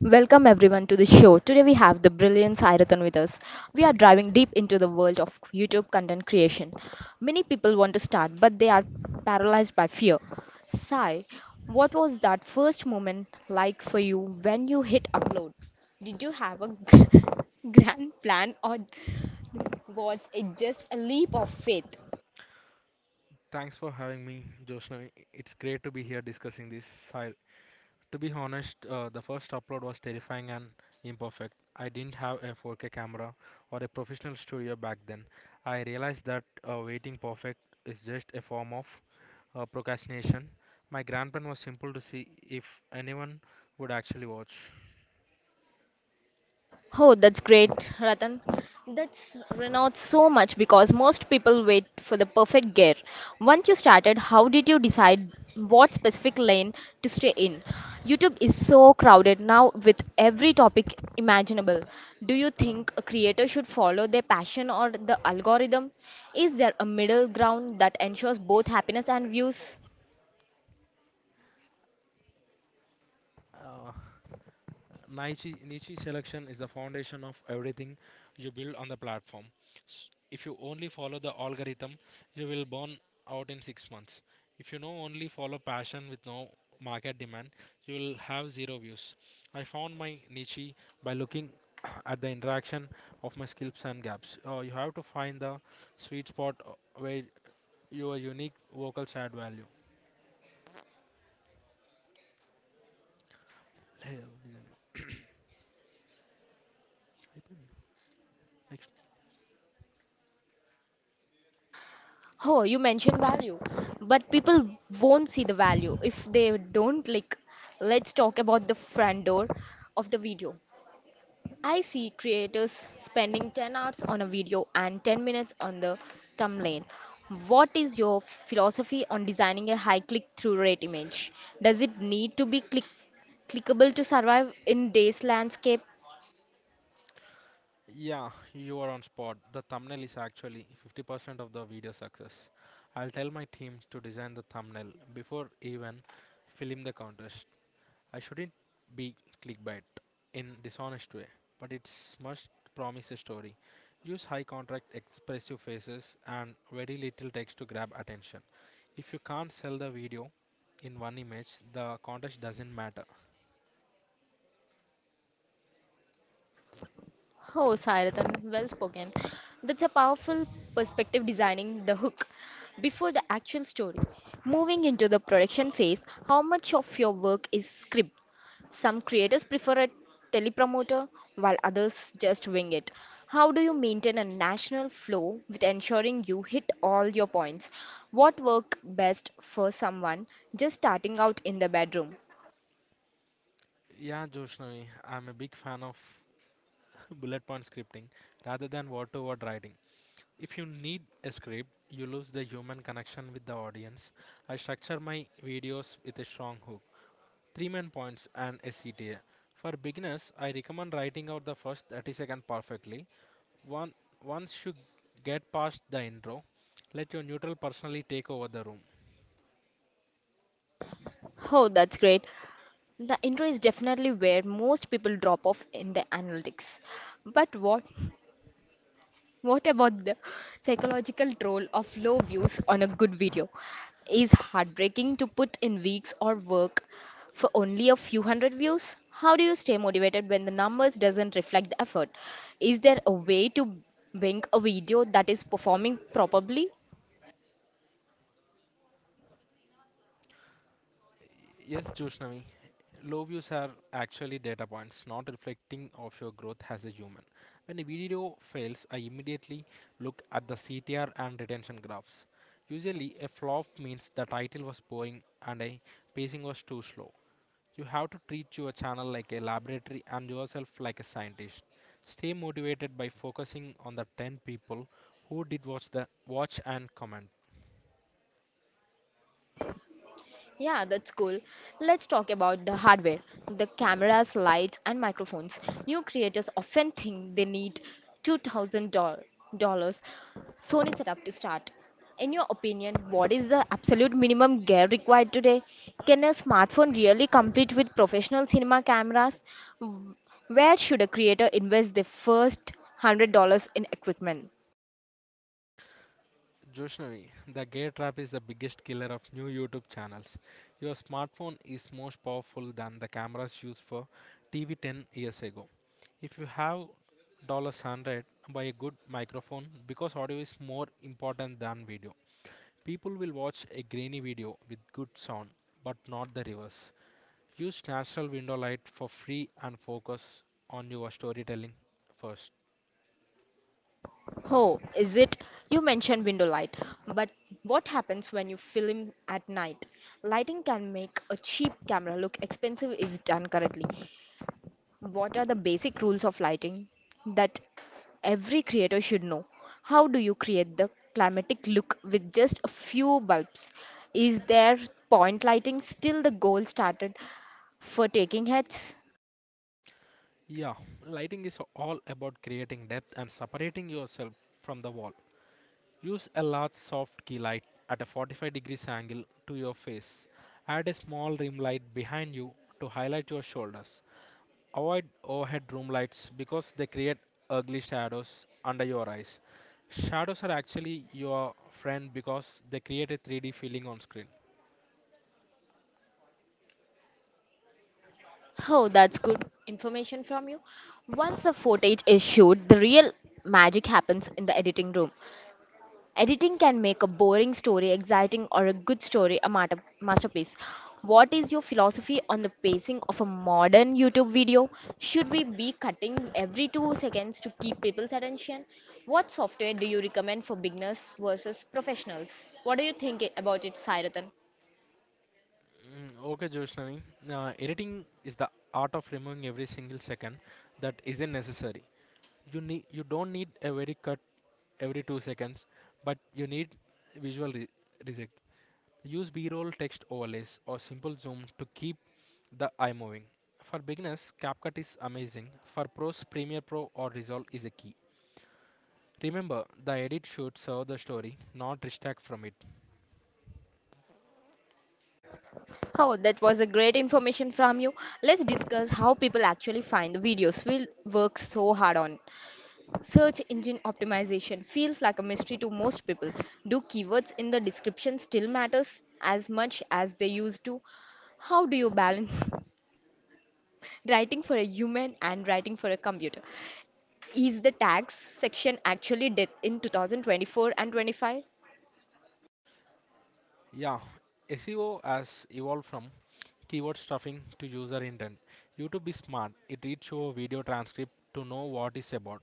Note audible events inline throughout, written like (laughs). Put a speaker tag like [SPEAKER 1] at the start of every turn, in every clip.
[SPEAKER 1] Welcome everyone to the show. Today we have the brilliant Sairatan with us. We are diving deep into the world of YouTube content creation. Many people want to start, but they are paralyzed by fear. Sai, what was that first moment like for you when you hit upload? Did you have a (laughs) grand plan or was it just a leap of faith?
[SPEAKER 2] Thanks for having me, Joshna. It's great to be here discussing this. Side. To be honest, the first upload was terrifying and imperfect. I didn't have a 4K camera or a professional studio back then. I realized that waiting perfect is just a form of procrastination. My grandpan was simple to see if anyone would actually watch.
[SPEAKER 1] Oh, that's great, Ratan. That's renowned so much because most people wait for the perfect gear. Once you started, how did you decide what specific lane to stay in? YouTube is so crowded now with every topic imaginable. Do you think a creator should follow their passion or the algorithm? Is there a middle ground that ensures both happiness and views?
[SPEAKER 2] Uh, niche selection is the foundation of everything you build on the platform. If you only follow the algorithm, you will burn out in 6 months. If you know only follow passion with no market demand, you will have zero views. I found my niche by looking (clears throat) at the interaction of my skills and gaps. You have to find the sweet spot where your unique vocals add value.
[SPEAKER 1] Oh, you mentioned value, but people won't see the value if they don't like. Let's talk about the front door of the video. I see creators spending 10 hours on a video and 10 minutes on the thumbnail. What is your philosophy on designing a high click through rate image? Does it need to be clickable to survive in today's landscape?
[SPEAKER 2] Yeah, you are on spot. The thumbnail is actually 50% of the video success. I'll tell my team to design the thumbnail before even film the contest. I shouldn't be clickbait in dishonest way, but it must promise a story. Use high contrast expressive faces and very little text to grab attention. If you can't sell the video in one image, the contest doesn't matter.
[SPEAKER 1] Oh, Sairatham, well spoken. That's a powerful perspective designing the hook before the actual story. Moving into the production phase, how much of your work is script? Some creators prefer a telepromoter while others just wing it. How do you maintain a national flow with ensuring you hit all your points? What work best for someone just starting out in the bedroom?
[SPEAKER 2] Yeah, Joshnavi, I'm a big fan of (laughs) bullet point scripting rather than word to word writing. If you need a script, you lose the human connection with the audience. I structure my videos with a strong hook, three main points, and a CTA. For beginners, I recommend writing out the first 30 seconds perfectly. One, once you get past the intro, let your neutral personally take over the room.
[SPEAKER 1] Oh, that's great. The intro is definitely where most people drop off in the analytics. But what (laughs) what about the psychological toll of low views on a good video? Is heartbreaking to put in weeks or work for only a few hundred views? How do you stay motivated when the numbers doesn't reflect the effort? Is there a way to bank a video that is performing properly?
[SPEAKER 2] Yes, Jushnami. Low views are actually data points, not reflecting of your growth as a human. When a video fails, I immediately look at the CTR and retention graphs. Usually, a flop means the title was boring and a pacing was too slow. You have to treat your channel like a laboratory and yourself like a scientist. Stay motivated by focusing on the 10 people who did watch and comment.
[SPEAKER 1] Yeah, that's cool. Let's talk about the hardware, the cameras, lights, and microphones. New creators often think they need $2,000 Sony setup to start. In your opinion, what is the absolute minimum gear required today? Can a smartphone really compete with professional cinema cameras? Where should a creator invest their first $100 in equipment?
[SPEAKER 2] Joshnavi, the gay trap is the biggest killer of new YouTube channels. Your smartphone is most powerful than the cameras used for TV 10 years ago. If you have $100 buy a good microphone because audio is more important than video. People will watch a grainy video with good sound, but not the reverse. Use natural window light for free and focus on your storytelling first.
[SPEAKER 1] Oh, is it? You mentioned window light, but what happens when you film at night? Lighting can make a cheap camera look expensive if it's done correctly. What are the basic rules of lighting that every creator should know? How do you create the climatic look with just a few bulbs? Is there point lighting still the gold started for taking heads?
[SPEAKER 2] Yeah, lighting is all about creating depth and separating yourself from the wall. Use a large soft key light at a 45 degrees angle to your face. Add a small rim light behind you to highlight your shoulders. Avoid overhead room lights because they create ugly shadows under your eyes. Shadows are actually your friend because they create a 3D feeling on screen.
[SPEAKER 1] Oh, that's good information from you. Once the footage is shoot, the real magic happens in the editing room. Editing can make a boring story exciting or a good story a masterpiece. What is your philosophy on the pacing of a modern YouTube video? Should we be cutting every 2 seconds to keep people's attention? What software do you recommend for beginners versus professionals? What do you think about it, Sairatan?
[SPEAKER 2] Okay, Joshnani. Editing is the art of removing every single second that isn't necessary. You don't need a very cut every 2 seconds, but you need visual re- reject. Use b-roll, text overlays, or simple zoom to keep the eye moving. For beginners, CapCut is amazing. For pros, Premiere Pro or Resolve is a key. Remember, the edit should serve the story, not distract from it.
[SPEAKER 1] Oh, that was a great information from you. Let's discuss how people actually find the videos we work so hard on. Search engine optimization feels like a mystery to most people. Do keywords in the description still matters as much as they used to? How do you balance (laughs) writing for a human and writing for a computer? Is the tags section actually dead in 2024 and 25?
[SPEAKER 2] Yeah, SEO has evolved from keyword stuffing to user intent. YouTube is smart. It reads your video transcript to know what it's about.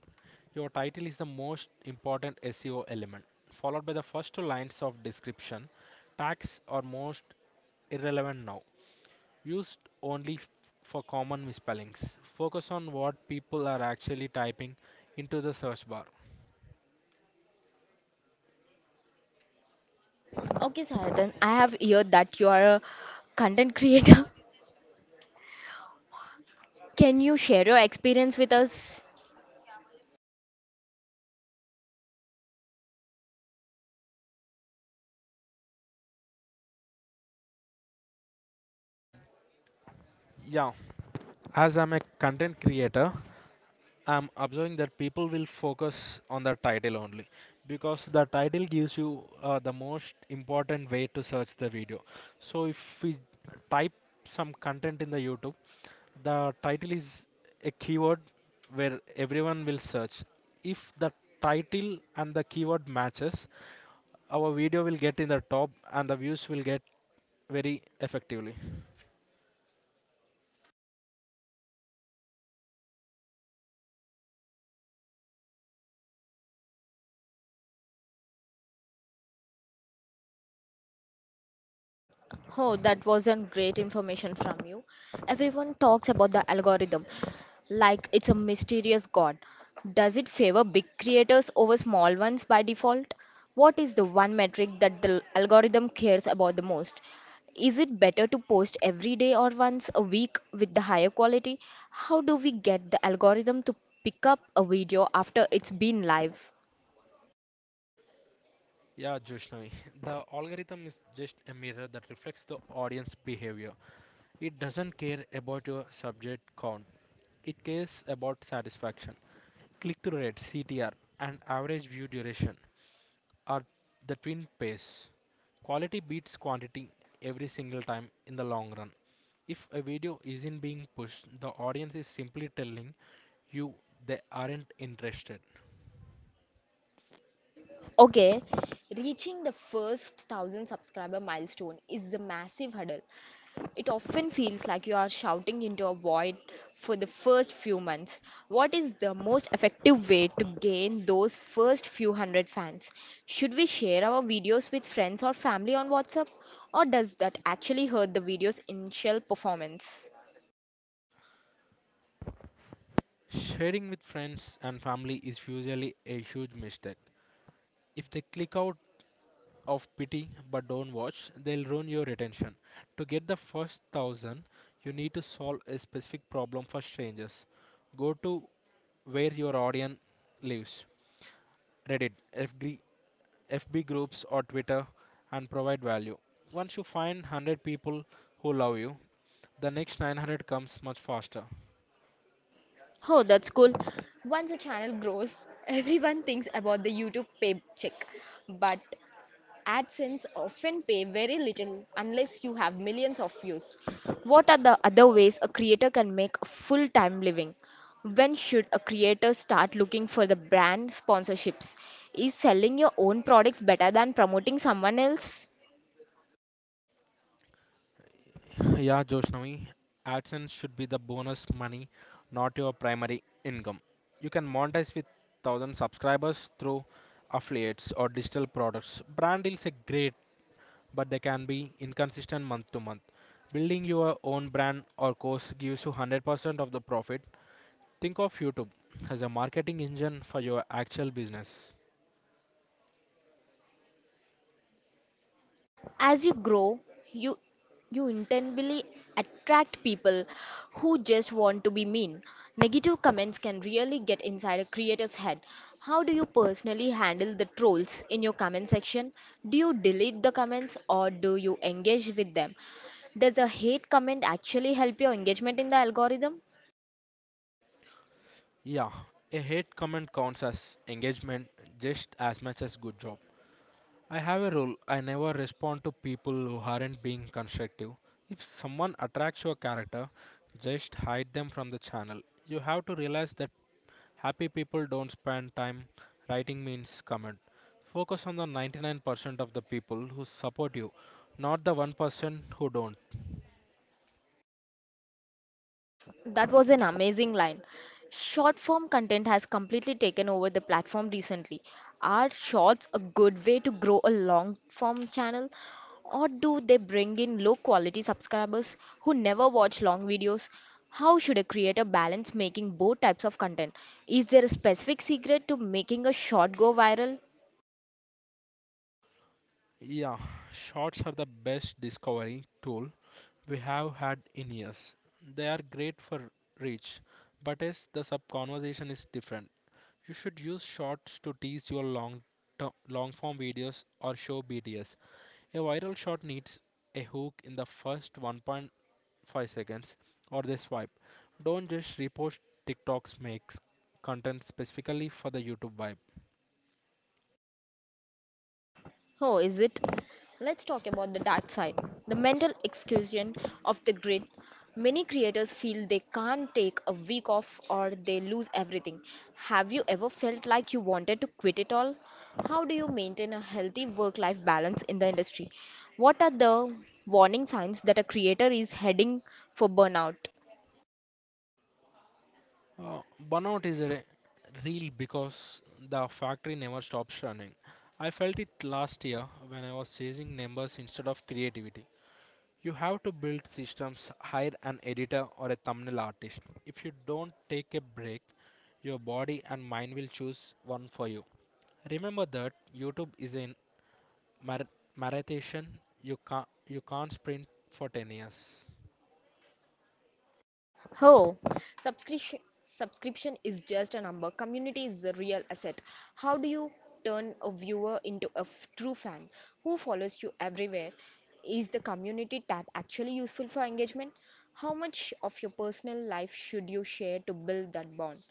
[SPEAKER 2] Your title is the most important SEO element, followed by the first two lines of description. Tags are most irrelevant now, used only for common misspellings. Focus on what people are actually typing into the search bar.
[SPEAKER 1] Okay, Sarathan, I have heard that you are a content creator. (laughs) Can you share your experience with us?
[SPEAKER 2] Yeah, as I'm a content creator, I'm observing that people will focus on the title only because the title gives you the most important way to search the video. So if we type some content in the YouTube, the title is a keyword where everyone will search. If the title and the keyword matches, our video will get in the top and the views will get very effectively.
[SPEAKER 1] Oh, that wasn't great information from you. Everyone talks about the algorithm like it's a mysterious god. Does it favor big creators over small ones by default? What is the one metric that the algorithm cares about the most? Is it better to post every day or once a week with the higher quality? How do we get the algorithm to pick up a video after it's been live?
[SPEAKER 2] Yeah, Joshnavi. (laughs) The algorithm is just a mirror that reflects the audience behavior. It doesn't care about your subject count. It cares about satisfaction. Click through rate, CTR, and average view duration are the twin pairs. Quality beats quantity every single time in the long run. If a video isn't being pushed, the audience is simply telling you they aren't interested.
[SPEAKER 1] Okay, reaching the first thousand subscriber milestone is a massive hurdle. It often feels like you are shouting into a void for the first few months. What is the most effective way to gain those first few hundred fans? Should we share our videos with friends or family on WhatsApp? Or does that actually hurt the video's initial performance?
[SPEAKER 2] Sharing with friends and family is usually a huge mistake. If they click out of pity but don't watch, they'll ruin your retention. To get the first thousand, you need to solve a specific problem for strangers. Go to where your audience lives: Reddit, FG, FB groups, or Twitter, and provide value. Once you find 100 people who love you, the next 900 comes much faster.
[SPEAKER 1] Oh, that's cool. Once a channel grows, (laughs) everyone thinks about the YouTube paycheck. But AdSense often pay very little unless you have millions of views. What are the other ways a creator can make a full time living? When should a creator start looking for the brand sponsorships? Is selling your own products better than promoting someone else?
[SPEAKER 2] Yeah, Joshnavi, AdSense should be the bonus money, not your primary income. You can monetize with 1,000 subscribers through affiliates or digital products. Brand deals are great, but they can be inconsistent month to month. Building your own brand or course gives you 100% of the profit. Think of YouTube as a marketing engine for your actual business.
[SPEAKER 1] As you grow, you you intentionally attract people who just want to be mean. Negative comments can really get inside a creator's head. How do you personally handle the trolls in your comment section? Do you delete the comments or do you engage with them? Does a hate comment actually help your engagement in the algorithm?
[SPEAKER 2] Yeah, a hate comment counts as engagement just as much as good job. I have a rule. I never respond to people who aren't being constructive. If someone attracts your character, just hide them from the channel. You have to realize that happy people don't spend time writing means comment. Focus on the 99% of the people who support you, not the 1% who don't.
[SPEAKER 1] That was an amazing line. Short form content has completely taken over the platform recently. Are shorts a good way to grow a long form channel? Or do they bring in low quality subscribers who never watch long videos? How should a creator balance making both types of content? Is there a specific secret to making a short go viral?
[SPEAKER 2] Yeah, shorts are the best discovery tool we have had in years. They are great for reach, but as the sub conversation is different. You should use shorts to tease your long form videos or show BTS. A viral shot needs a hook in the first 1.5 seconds or they swipe. Don't just repost TikToks, makes content specifically for the YouTube vibe.
[SPEAKER 1] Oh, is it? Let's talk about the dark side, the mental exhaustion of the grid. Many creators feel they can't take a week off or they lose everything. Have you ever felt like you wanted to quit it all? How do you maintain a healthy work life balance in the industry? What are the warning signs that a creator is heading for burnout?
[SPEAKER 2] Uh, burnout is real because the factory never stops running. I felt it last year when I was chasing numbers instead of creativity. You have to build systems, hire an editor or a thumbnail artist. If you don't take a break, your body and mind will choose one for you. Remember that YouTube is a mar- marathon. You can't sprint for 10 years.
[SPEAKER 1] Oh, subscription is just a number. Community is a real asset. How do you turn a viewer into a true fan who follows you everywhere? Is the community tab actually useful for engagement? How much of your personal life should you share to build that bond?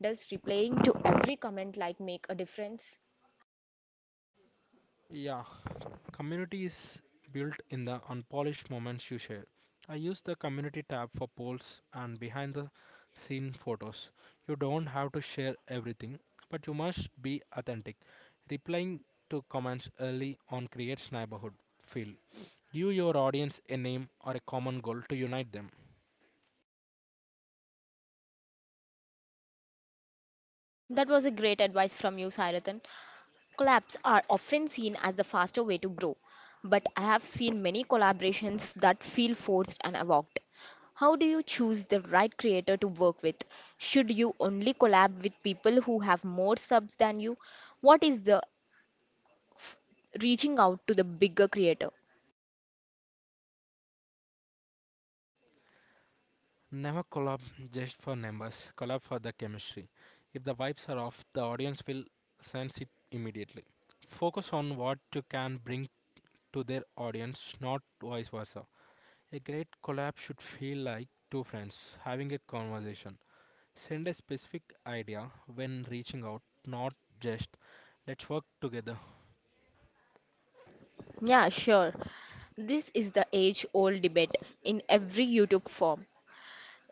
[SPEAKER 1] Does replying to every comment like make a difference?
[SPEAKER 2] Yeah, community is built in the unpolished moments you share. I use the community tab for polls and behind the scene photos. You don't have to share everything, but you must be authentic. Replying to comments early on creates neighborhood feel. Give your audience a name or a common goal to unite them.
[SPEAKER 1] That was a great advice from you, Sairadan. Collabs are often seen as the faster way to grow, but I have seen many collaborations that feel forced and avowed. How do you choose the right creator to work with? Should you only collab with people who have more subs than you? What is the reaching out to the bigger creator?
[SPEAKER 2] Never collab just for numbers, collab for the chemistry. If the vibes are off, the audience will sense it immediately. Focus on what you can bring to their audience, not vice versa. A great collab should feel like two friends having a conversation. Send a specific idea when reaching out, not just let's work together.
[SPEAKER 1] Yeah, sure. This is the age old debate in every YouTube form.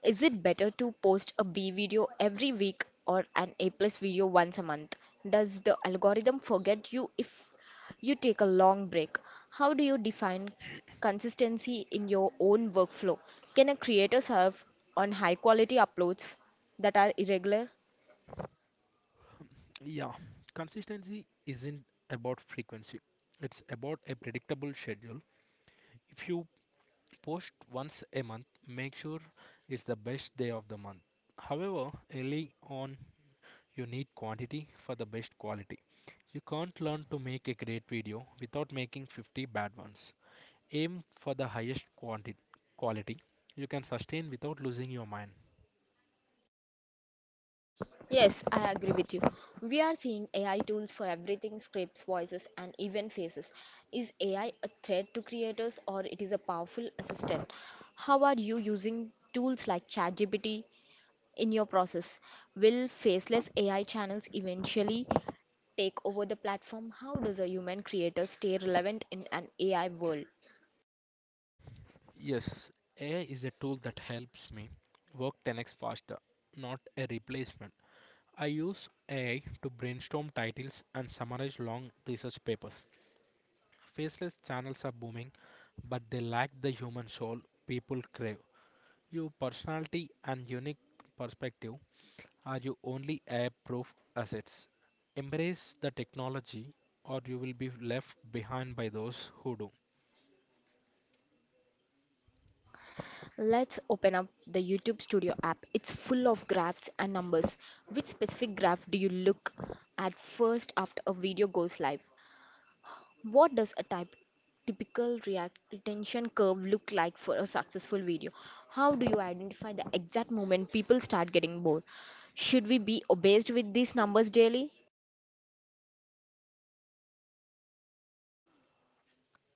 [SPEAKER 1] Is it better to post a B video every week or an A plus video once a month? Does the algorithm forget you if you take a long break? How do you define consistency in your own workflow? Can a creator serve on high quality uploads that are irregular?
[SPEAKER 2] Yeah, consistency isn't about frequency, it's about a predictable schedule. If you post once a month, make sure it's the best day of the month. However, early on you need quantity for the best quality. You can't learn to make a great video without making 50 bad ones. Aim for the highest quality you can sustain without losing your mind.
[SPEAKER 1] Yes, I agree with you. We are seeing AI tools for everything, scripts, voices, and even faces. Is AI a threat to creators or it is a powerful assistant? How are you using tools like ChatGPT in your process? Will faceless AI channels eventually take over the platform? How does a human creator stay relevant in an AI world?
[SPEAKER 2] Yes, AI is a tool that helps me work 10x faster, not a replacement. I use AI to brainstorm titles and summarize long research papers. Faceless channels are booming, but they lack the human soul people crave. Your personality and unique perspective are you only air proof assets? Embrace the technology, or you will be left behind by those who do.
[SPEAKER 1] Let's open up the YouTube Studio app. It's full of graphs and numbers. Which specific graph do you look at first after a video goes live? What does a type typical react retention curve look like for a successful video? How do you identify the exact moment people start getting bored? Should we be obsessed with these numbers daily?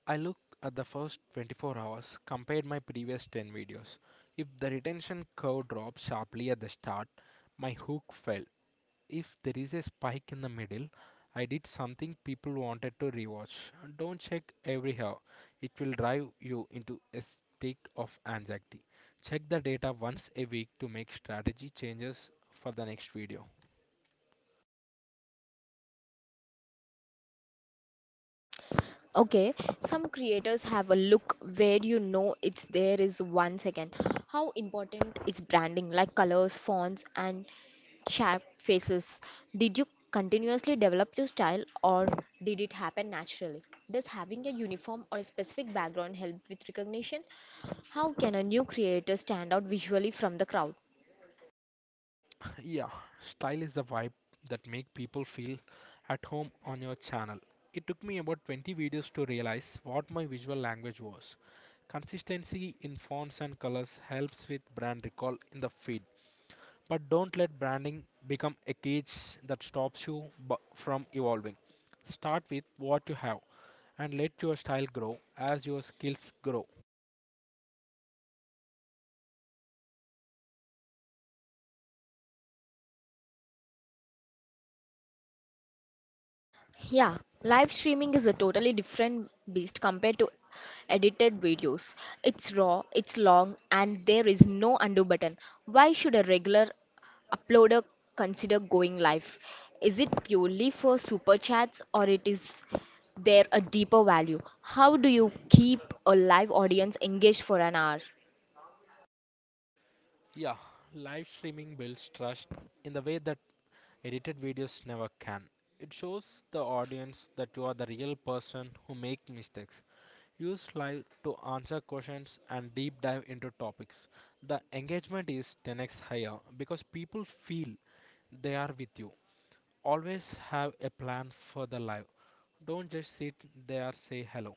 [SPEAKER 2] I looked at the first 24 hours, compared my previous 10 videos. If the retention curve dropped sharply at the start, my hook fell. If there is a spike in the middle, I did something people wanted to rewatch. Don't check every hour, it will drive you into a state of anxiety. Check the data once a week to make strategy changes for the next video.
[SPEAKER 1] Okay, some creators have a look where you know it's there is 1 second. How important is branding, like colors, fonts, and sharp faces? Did you continuously develop your style or did it happen naturally? Does having a uniform or a specific background help with recognition? How can a new creator stand out visually from the crowd?
[SPEAKER 2] (laughs) Yeah, style is the vibe that make people feel at home on your channel. It took me about 20 videos to realize what my visual language was. Consistency in fonts and colors helps with brand recall in the field. But don't let branding become a cage that stops you from evolving. Start with what you have and let your style grow as your skills grow.
[SPEAKER 1] Yeah, live streaming is a totally different beast compared to edited videos. It's raw, it's long, and there is no undo button. Why should a regular uploader consider going live? Is it purely for super chats or it is there a deeper value? How do you keep a live audience engaged for an hour?
[SPEAKER 2] Yeah, live streaming builds trust in the way that edited videos never can. It shows the audience that you are the real person who make mistakes. Use live to answer questions and deep dive into topics. The engagement is 10x higher because people feel they are with you. Always have a plan for the live. Don't just sit there say hello.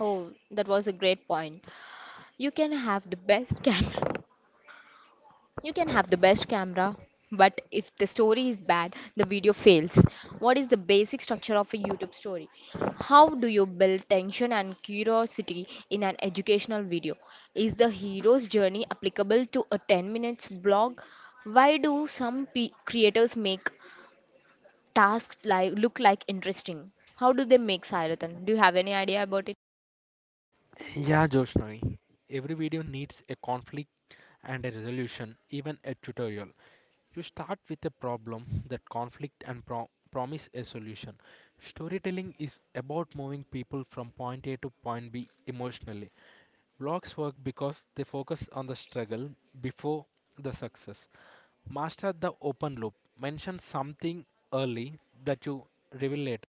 [SPEAKER 1] Oh, that was a great point. You can have the best (laughs) camera. You can have the best camera, but if the story is bad, the video fails. What is the basic structure of a YouTube story? How do you build tension and curiosity in an educational video? Is the hero's journey applicable to a 10 minutes blog? Why do some creators make tasks like look like interesting? How do they make Cyratan? Do you have any idea about it?
[SPEAKER 2] Yeah, Joshnoi. Every video needs a conflict and a resolution, even a tutorial. You start with a problem, that conflict and promise a solution. Storytelling is about moving people from point A to point B emotionally. Blogs work because they focus on the struggle before the success. Master the open loop. Mention something early that you reveal later.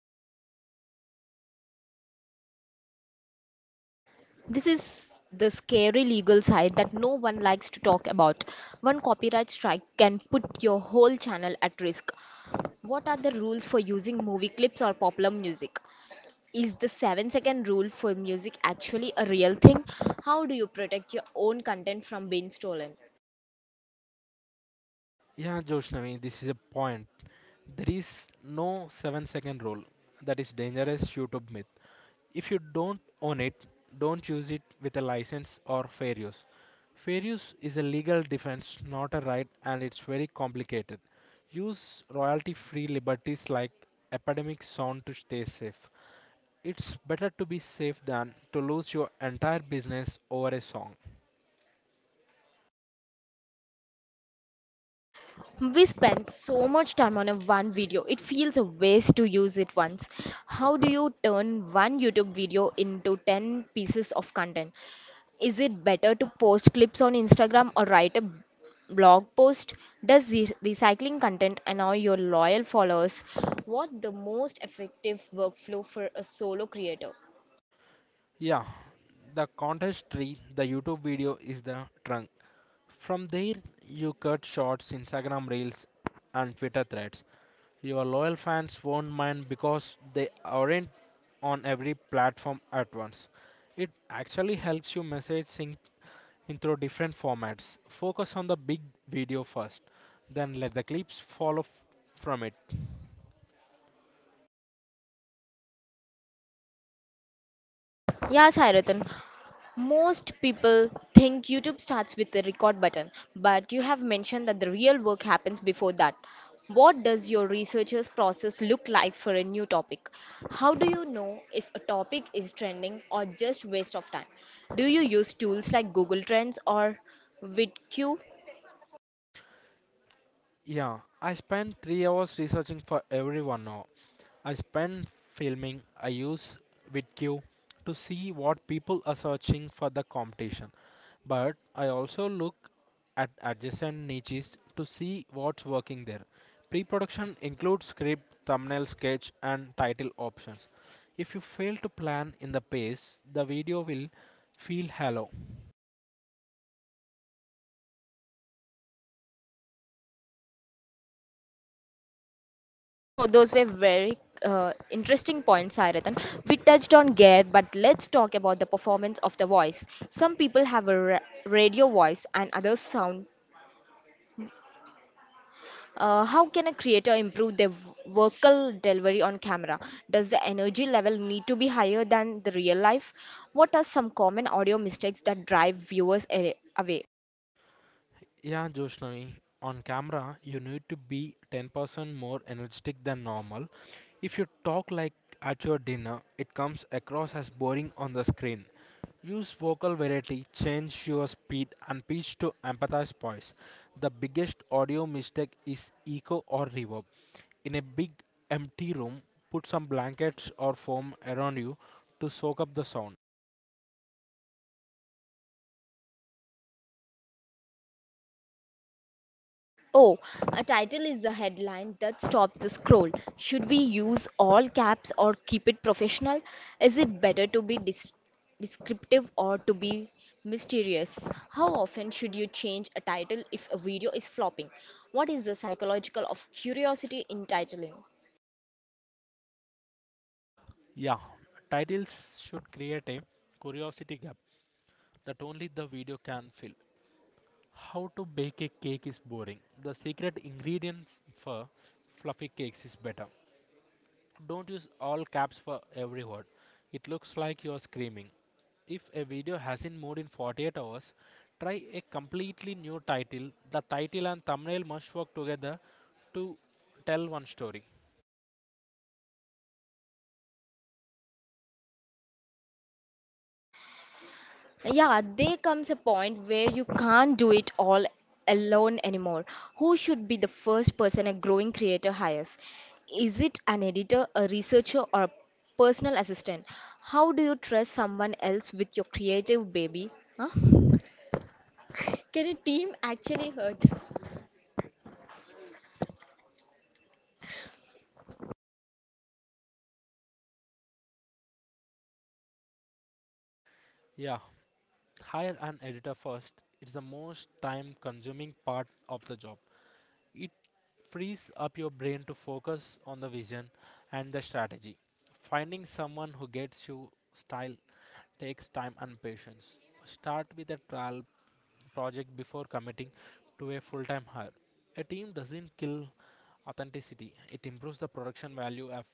[SPEAKER 1] This is the scary legal side that no one likes to talk about. One copyright strike can put your whole channel at risk. What are the rules for using movie clips or popular music? Is the 7-second rule for music actually a real thing? How do you protect your own content from being stolen?
[SPEAKER 2] Yeah, Joshnavi, this is a point. There is no 7 second rule. That is dangerous shoot up myth. If you don't own it, don't use it with a license or fair use. Fair use is a legal defense, not a right, and it's very complicated. Use royalty free liberties like epidemic sound to stay safe. It's better to be safe than to lose your entire business over a song.
[SPEAKER 1] We spend so much time on a one video. It feels a waste to use it once. How do you turn one YouTube video into 10 pieces of content? Is it better to post clips on Instagram or write a blog post? Does recycling content annoy your loyal followers? What the most effective workflow for a solo creator?
[SPEAKER 2] Yeah, the contest tree, the YouTube video is the trunk. From there, you cut shorts, Instagram reels, and Twitter threads. Your loyal fans won't mind because they aren't on every platform at once. It actually helps you message sync into different formats. Focus on the big video first, then let the clips follow from it.
[SPEAKER 1] Yes, Sairatan. Most people think YouTube starts with the record button, but you have mentioned that the real work happens before that. What does your researcher's process look like for a new topic? How do you know if a topic is trending or just waste of time? Do you use tools like Google Trends or VidQ?
[SPEAKER 2] Yeah, I spend 3 hours researching for everyone now. I spend filming, I use VidQ to see what people are searching for the competition. But I also look at adjacent niches to see what's working there. Pre production includes script, thumbnail sketch, and title options. If you fail to plan in the pace, the video will feel hollow.
[SPEAKER 1] Oh, those were very interesting points, Sairatan. We touched on gear, but let's talk about the performance of the voice. Some people have a radio voice and others sound. How can a creator improve their vocal delivery on camera? Does the energy level need to be higher than the real life? What are some common audio mistakes that drive viewers away?
[SPEAKER 2] Yeah, Joshnavi, on camera, you need to be 10% more energetic than normal. If you talk like at your dinner, it comes across as boring on the screen. Use vocal variety, change your speed and pitch to emphasize voice. The biggest audio mistake is echo or reverb. In a big empty room, put some blankets or foam around you to soak up the sound.
[SPEAKER 1] Oh, a title is a headline that stops the scroll. Should we use all caps or keep it professional? Is it better to be descriptive or to be mysterious? How often should you change a title if a video is flopping? What is the psychological of curiosity in titling?
[SPEAKER 2] Yeah, titles should create a curiosity gap that only the video can fill. How to bake a cake is boring. The secret ingredient for fluffy cakes is better. Don't use all caps for every word. It looks like you're screaming. If a video hasn't moved in 48 hours, try a completely new title. The title and thumbnail must work together to tell one story.
[SPEAKER 1] Yeah, there comes a point where you can't do it all alone anymore. Who should be the first person a growing creator hires? Is it an editor, a researcher, or a personal assistant? How do you trust someone else with your creative baby? Huh? Can a team actually hurt?
[SPEAKER 2] Yeah, hire an editor first. It's the most time consuming part of the job. It frees up your brain to focus on the vision and the strategy. Finding someone who gets you style takes time and patience. Start with a trial project before committing to a full time hire. A team doesn't kill authenticity, it improves the production value of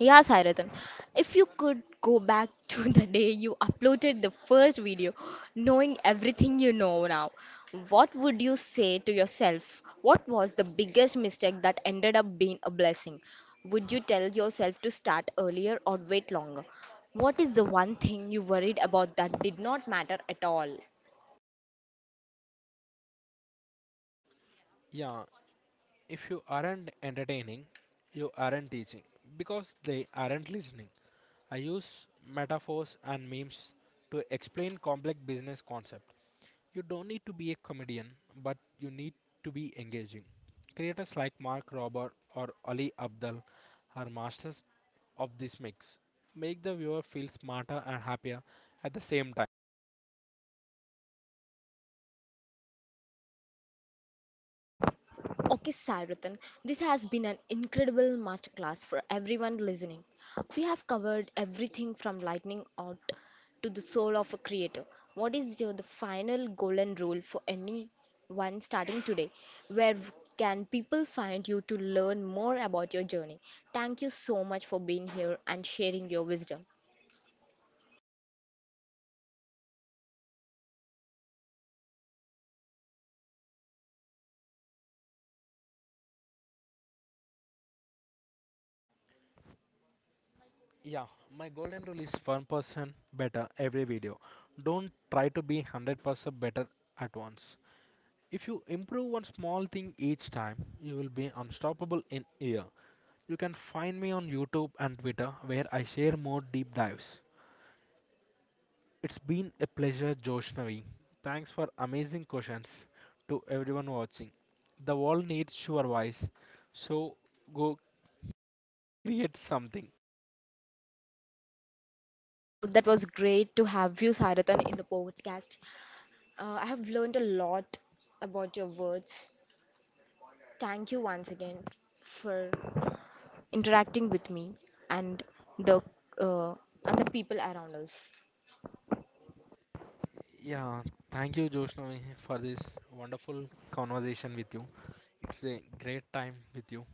[SPEAKER 1] Yeah, Sairadan. If you could go back (laughs) to the day you uploaded the first video, knowing everything you know now, what would you say to yourself? What was the biggest mistake that ended up being a blessing? Would you tell yourself to start earlier or wait longer? What is the one thing you worried about that did not matter at all?
[SPEAKER 2] yeah, if you aren't entertaining, you aren't teaching because they aren't listening. I use metaphors and memes to explain complex business concept. You don't need to be a comedian, but you need to be engaging. Creators like Mark Robert or Ali Abdal are masters of this mix. Make the viewer feel smarter and happier at the same time.
[SPEAKER 1] Okay, Sairatan, this has been an incredible masterclass for everyone listening. We have covered everything from lightning art to the soul of a creator. What is your the final golden rule for anyone starting today? Where can people find you to learn more about your journey? Thank you so much for being here and sharing your wisdom.
[SPEAKER 2] Yeah, my golden rule is 1% better every video. Don't try to be 100% better at once. If you improve one small thing each time, you will be unstoppable in year. You can find me on YouTube and Twitter where I share more deep dives. It's been a pleasure, Joshnavi. Thanks for amazing questions to everyone watching. The world needs your voice, so go create something.
[SPEAKER 1] Oh, that was great to have you, Sairatan, in the podcast. I have learned a lot about your words. Thank you once again for interacting with me and the uh, and the people around us.
[SPEAKER 2] Yeah, thank you, Joshnavi, for this wonderful conversation with you. It's a great time with you.